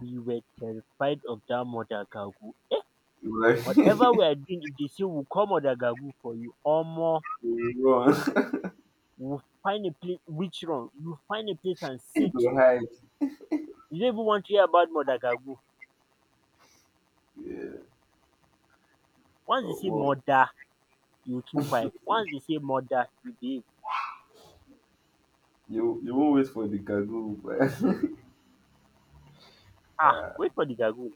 A: We were terrified of that Mother-Gago. Eh!
B: like
A: Whatever we are doing, if they say we call Mother-Gago for you, omo,
B: you run
A: we will find a place, which room. You find a place and
B: to
A: sit.
B: hide.
A: You don't even want to hear about Mother-Gago.
B: Yeah.
A: Once they
B: Oh,
A: say
B: well,
A: mother, you keep quiet. Once they say mother, you behave.
B: you won't wait for the kagoo. But-
A: Ah! Wait for the Gago.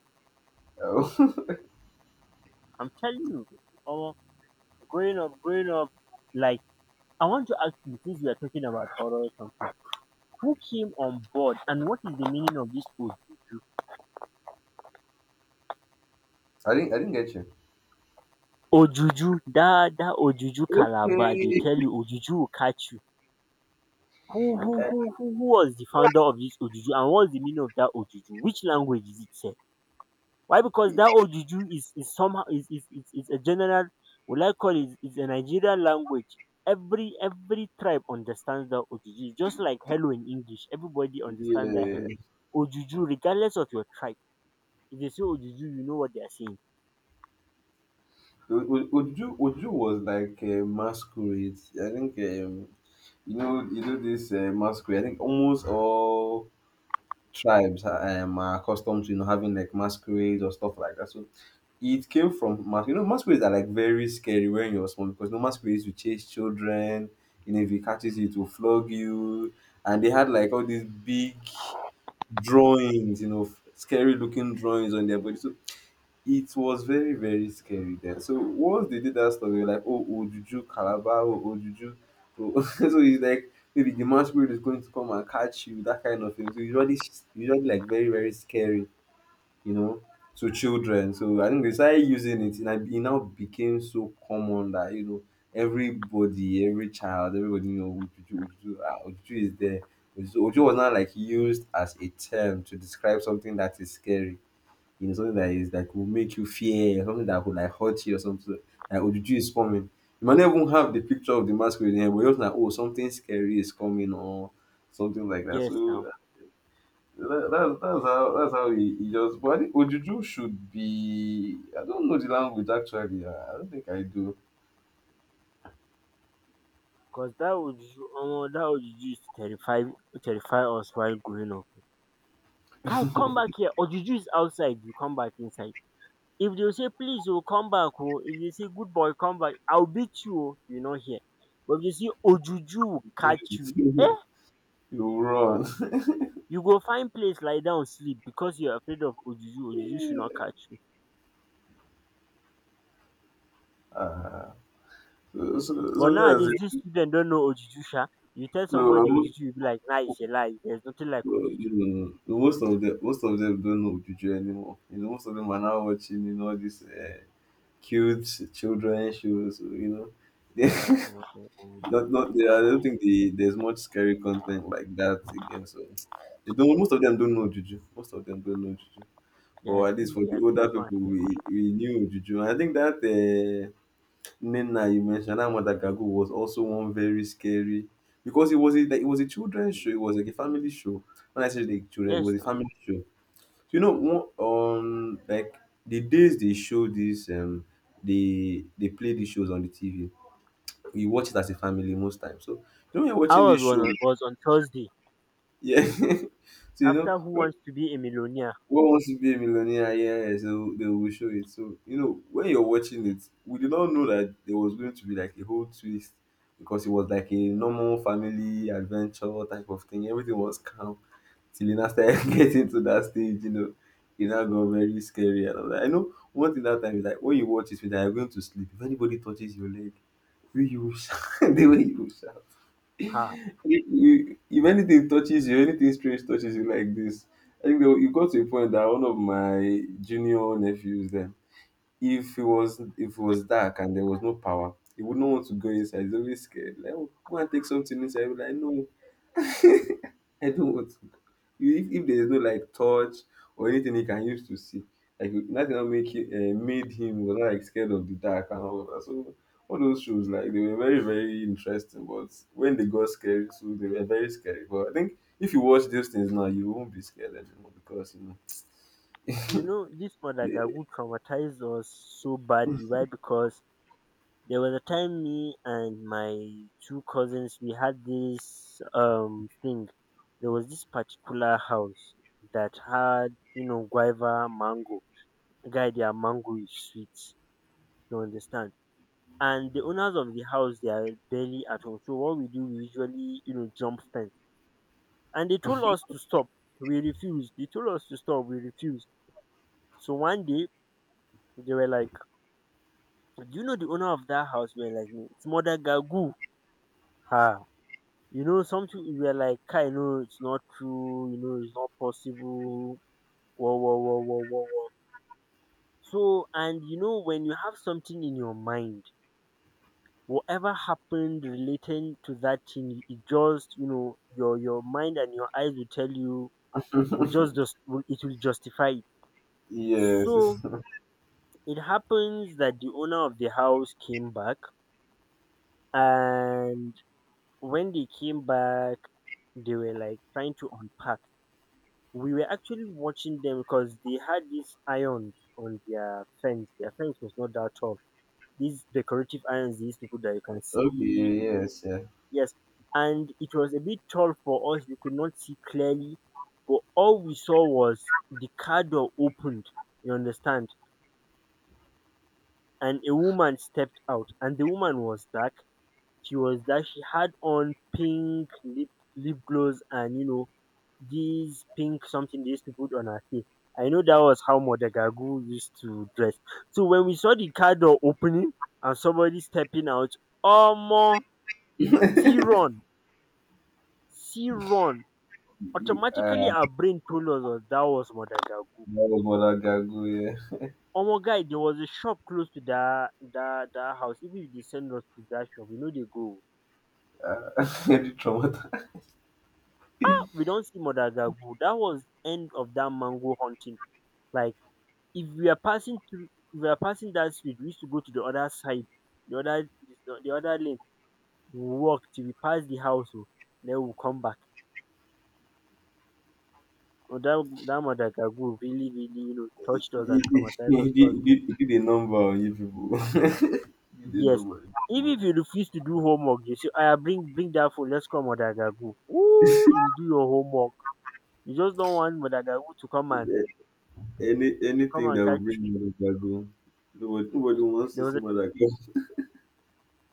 A: I'm telling you. Omo! Growing up, like, I want to ask you, since we are talking about oral consent, who came on board and what is the meaning of this ojuju?
B: I didn't get you.
A: Ojuju, that ojuju calabar, they
B: Okay.
A: tell you ojuju will catch you. Who was the founder of this ojuju and what's the meaning of that ojuju? Which language is it sef? Why? Because that ojuju is somehow is a general, will I call it, is a Nigerian language. Every tribe understands that ojuju, just like hello in English. Everybody understands that
B: Yeah.
A: hello. Ojuju, regardless of your tribe. If they say ojuju, you know what they are saying.
B: Oju was like a masquerade. I think you know this masquerade. I think almost all tribes are accustomed to you know having like masquerades or stuff like that. So it came from mas. You know masquerades are like very scary when you're small because no masquerades will chase children. You know if it catches you, it will flog you. And they had like all these big drawings. You know, scary looking drawings on their body. So it was very, very scary then. So once they did that stuff, they were like, oh, Ojuju, Calabar, oh, Ojuju. Oh. So it's like maybe the masquerade is going to come and catch you, that kind of thing. So usually, it's usually like very, very scary, you know, to children. So I think they started using it, and I- it now became so common that you know everybody, every child, everybody know Ojuju, Ojuju, ah, Ojuju is there. Ojuju was not like used as a term to describe something that is scary, you know, something that is that will make you fear, or something that would like hurt you or something. Like Ojuju is coming. You might not even have the picture of the masquerade in here, but you're just like, oh, something scary is coming or something like that.
A: Yes
B: So
A: now.
B: that, that's how he just. But I think Ojuju should be. I don't know the language actually. I don't think I do.
A: Because that ojuju, omo, that ojuju used to terrify, us while growing up. Kai, come back here. Ojuju is outside, you come back inside. If they say please oo come back oh! If they say good boy come back, I will beat you oh! You no hear. But if dey say ojuju will catch you, eh,
B: You run.
A: you go find place lie down sleep because you are afraid of ojuju, ojuju should not catch you.
B: Ah, so, so, so
A: But
B: so, that's
A: nowadays dis
B: it.
A: children not know ojuju sha, you tell
B: No,
A: somebody
B: I'm
A: ojuju, you be like na it's a lie, there is nothing like
B: No, no,
A: ojuju.
B: no, no. Most of them don't know Juju anymore. You know, most of them are now watching, you know, all these cute children shows. You know,
A: Uh, uh, uh,
B: not, not they,
A: uh,
B: I don't think the, there's much scary content like that again. So they don't. Most of them don't know Juju. Most of them don't know Juju.
A: they
B: But
A: are
B: at least
A: too,
B: for
A: they are too they
B: the
A: are too
B: older
A: smart.
B: people, we knew Juju. I think that. Nina you mentioned that Madagascar was also one very scary because it was a like, it was a children's show, it was like a family show. When I say the children, it
A: Yes
B: was a
A: now.
B: family show. So, you know, one on like the days they show this they play these shows on the TV. You watch it as a family most times. So you know when you're watching this
A: Ours was
B: show,
A: on, Thursday,
B: yeah. So you know
A: after Who Wants to Be a Millionaire?
B: what wants to be a millionaire? Yes, they will show it. So you know when you're watching it, we did not know that there was going to be like a whole twist because it was like a normal family adventure type of thing. Everything was calm till you now started getting to that stage. You know, it now got very scary. And I'm like, I know one thing that time is like when you watch it, you're going to sleep. If anybody touches your leg, you will shout, the way you will shout.
A: Ha!
B: If you if anything touches you, anything strange touches you like this, I think there, you got to a point that one of my junior nephews then, if it was dark and there was no power, he would not want to go inside. He's always scared. Like, oh, go and take something inside. He'll be like, no, I don't want. You- if there is no like touch or anything he can use to see like nothing that make him, made him was not like scared of the dark and all of that, so all those shows like they were very, very interesting but when they got scary, so they were very scary, but I think if you watch those things now you won't be scared anymore because you know,
A: You know, this
B: yeah.
A: Madagascar traumatized us so badly. Why? Because there was a time me and my two cousins we had this thing. There was this particular house that had, you know, guava, mango. Guy, their mango is sweet. You understand? And the owners of the house, they are barely at home. So what we do, we usually, you know, jump fence. And they told us to stop. We refused. They told us to stop. We refused. So one day they were like, do you know the owner of that house were like me? It's mother Gagu. Ah, you know something, we were like, I know it's not true, you know, it's not possible. Whoa, whoa, whoa, whoa, whoa, whoa. So, and you know, when you have something in your mind, whatever happened relating to that thing, it just, you know, your mind and your eyes will tell you, will just will, it will justify it.
B: Yes.
A: So it happens that the owner of the house came back, and when they came back, they were like trying to unpack. We were actually watching them because they had these irons on their fence. Their fence was not that tall. These decorative irons, these people that you can
B: Okay,
A: see,
B: yes, yeah.
A: yes, and it was a bit tall for us. We could not see clearly, but all we saw was the car door opened. You understand? And a woman stepped out, and the woman was dark. She was dark. She had on pink lip gloss and, you know, this pink something they used to put on her hair. I know that was how Modagagu used to dress. So when we saw the car door opening and somebody stepping out, Omo, see run, see run.
B: You,
A: Automatically our brain told us that that was Modagagu.
B: that was Mother Gago, yeah.
A: Omo guy, there was a shop close to that house. Even if they send us to that shop, we know they go.
B: Very traumatized.
A: Ah, we don't see Modagagu. That was end of that mango hunting. Like if we are passing through if we are passing that street, we used to go to the other side, the other the other lane. We walk till we pass the house. Oh, then we come back, so that that madagascar really really touched us
B: He, he,
A: and
B: did-
A: traumatized
B: he
A: us cause
B: did he did a number on you people. He did a
A: yes.
B: number on you
A: Even
B: people.
A: if you refuse to do homework, you say, "I bring that phone, let's go madagascar." You do your homework. You just don't want madagascar
B: Yeah. Any
A: to come
B: anything
A: and
B: that will
A: catch
B: bring
A: you.
B: Mother Gago. Nobody, nobody
A: Yes.
B: wants
A: there
B: to
A: was
B: see
A: a
B: Mother Gago.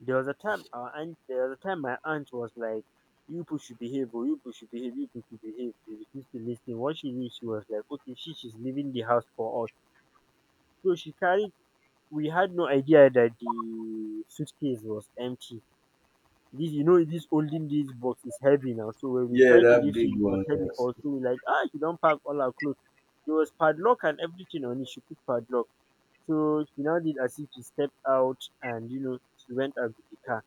A: There was a time our aunt, there was a time my aunt was like, "You people should behave, or you people should behave, you people should behave." They refused to listen. Once she knew, she was like, "Okay, she's leaving the house for us." So she carried. We had no idea that the suitcase was empty. This, you know, this holding, this box is heavy now. So when we
B: Yeah,
A: tried to
B: that
A: leave,
B: big
A: she it was
B: one,
A: heavy
B: yes.
A: for us. So we like, ah, she don't pack all our clothes. There was padlock and everything on it. She put padlock. So she now did as if she stepped out, and you know, she went out with the car.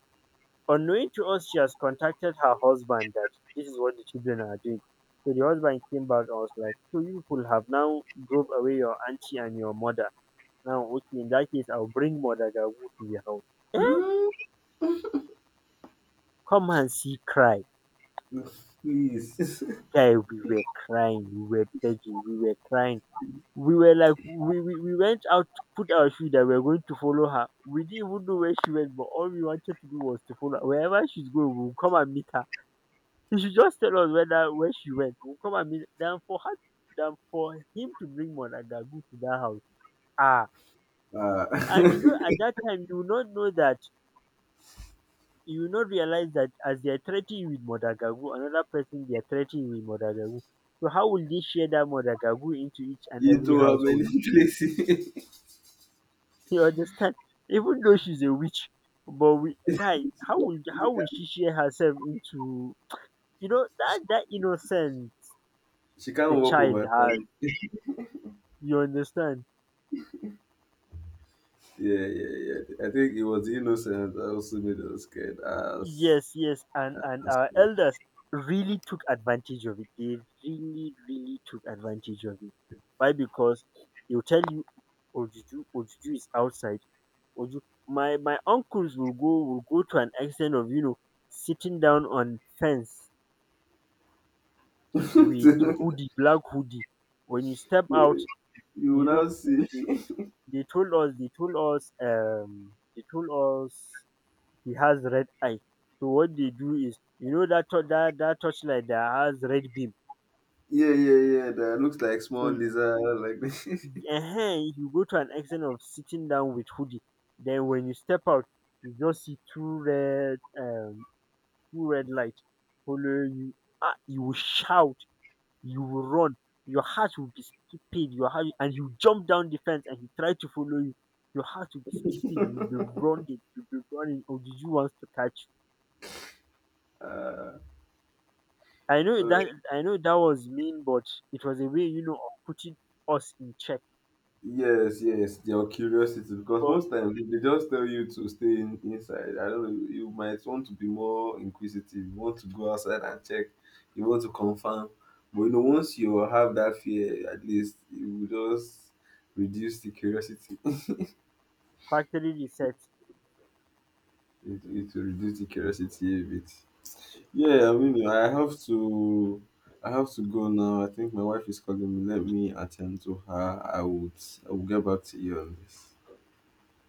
A: Unknowing to us, she has contacted her husband that this is what the children are doing. So the husband came back and was like, "So you people have now drove away your auntie and your mother. Now, okay, in that case, I'll bring Mother Gagu to your house." Eh? Come and see cry.
B: Please.
A: Guy, we were crying, we were begging, we were crying. We were like, we went out to put our shoe, that we were going to follow her. We didn't even know where she went, but all we wanted to do was to follow her. Wherever she's going, we'll come and meet her. She should just tell us whether where she went. We'll come and meet than for her, than for him to bring Monagagu to that house. Ah.
B: Uh,
A: And you know, at that time you will not know that you will not realize that as they are threatening you with Modagagu, another person they are threatening you with Modagagu. So how will they share that Modagagu into each and every
B: into how many
A: household?
B: places?
A: You understand? Even though she's a witch. But we guy, how will she share herself into you know that
B: she,
A: that innocence
B: she can't
A: a
B: walk over
A: child has?
B: time.
A: You understand?
B: Yeah, yeah, yeah. I think it was the innocent that also made us scared
A: Yes, yes, and
B: as
A: our
B: well.
A: elders really took advantage of it. They really, really took advantage of it. Why? Because they'll tell you, Ojuju, Ojuju is outside. Oju, my uncles will go to an extent of, you know, sitting down on fence with hoodie, black hoodie. When you step
B: you
A: out,
B: you will
A: you know
B: now see.
A: they they, they told us, they told us he has red eye. So what they do is, you know that that torchlight that has red beam.
B: Yeah, yeah, yeah. That looks like small
A: So
B: lizard like
A: you go to an extent of sitting down with hoodie. Then when you step out, you just see two red light follow you. Ah, you will shout, you will run, your heart will be skipping, your heart, and you jump down the fence and he try to follow you. Your heart will be skipping, you'll be running, you'll be running. Oh, did you want to catch?
B: Uh,
A: I know
B: uh,
A: that was mean, but it was a way, you know, of putting us in check.
B: yes, yes, your curiosity, because
A: But
B: most times they just tell you to stay in, inside. I don't know, you might want to be more inquisitive, you want to go outside and check, you want to confirm. But you know, once you have that fear, at least it will just reduce the curiosity.
A: factory reset.
B: It will reduce the curiosity a bit. Yeah, I mean, I have to go now. I think my wife is calling me. Let me attend to her. I will get back to you on this.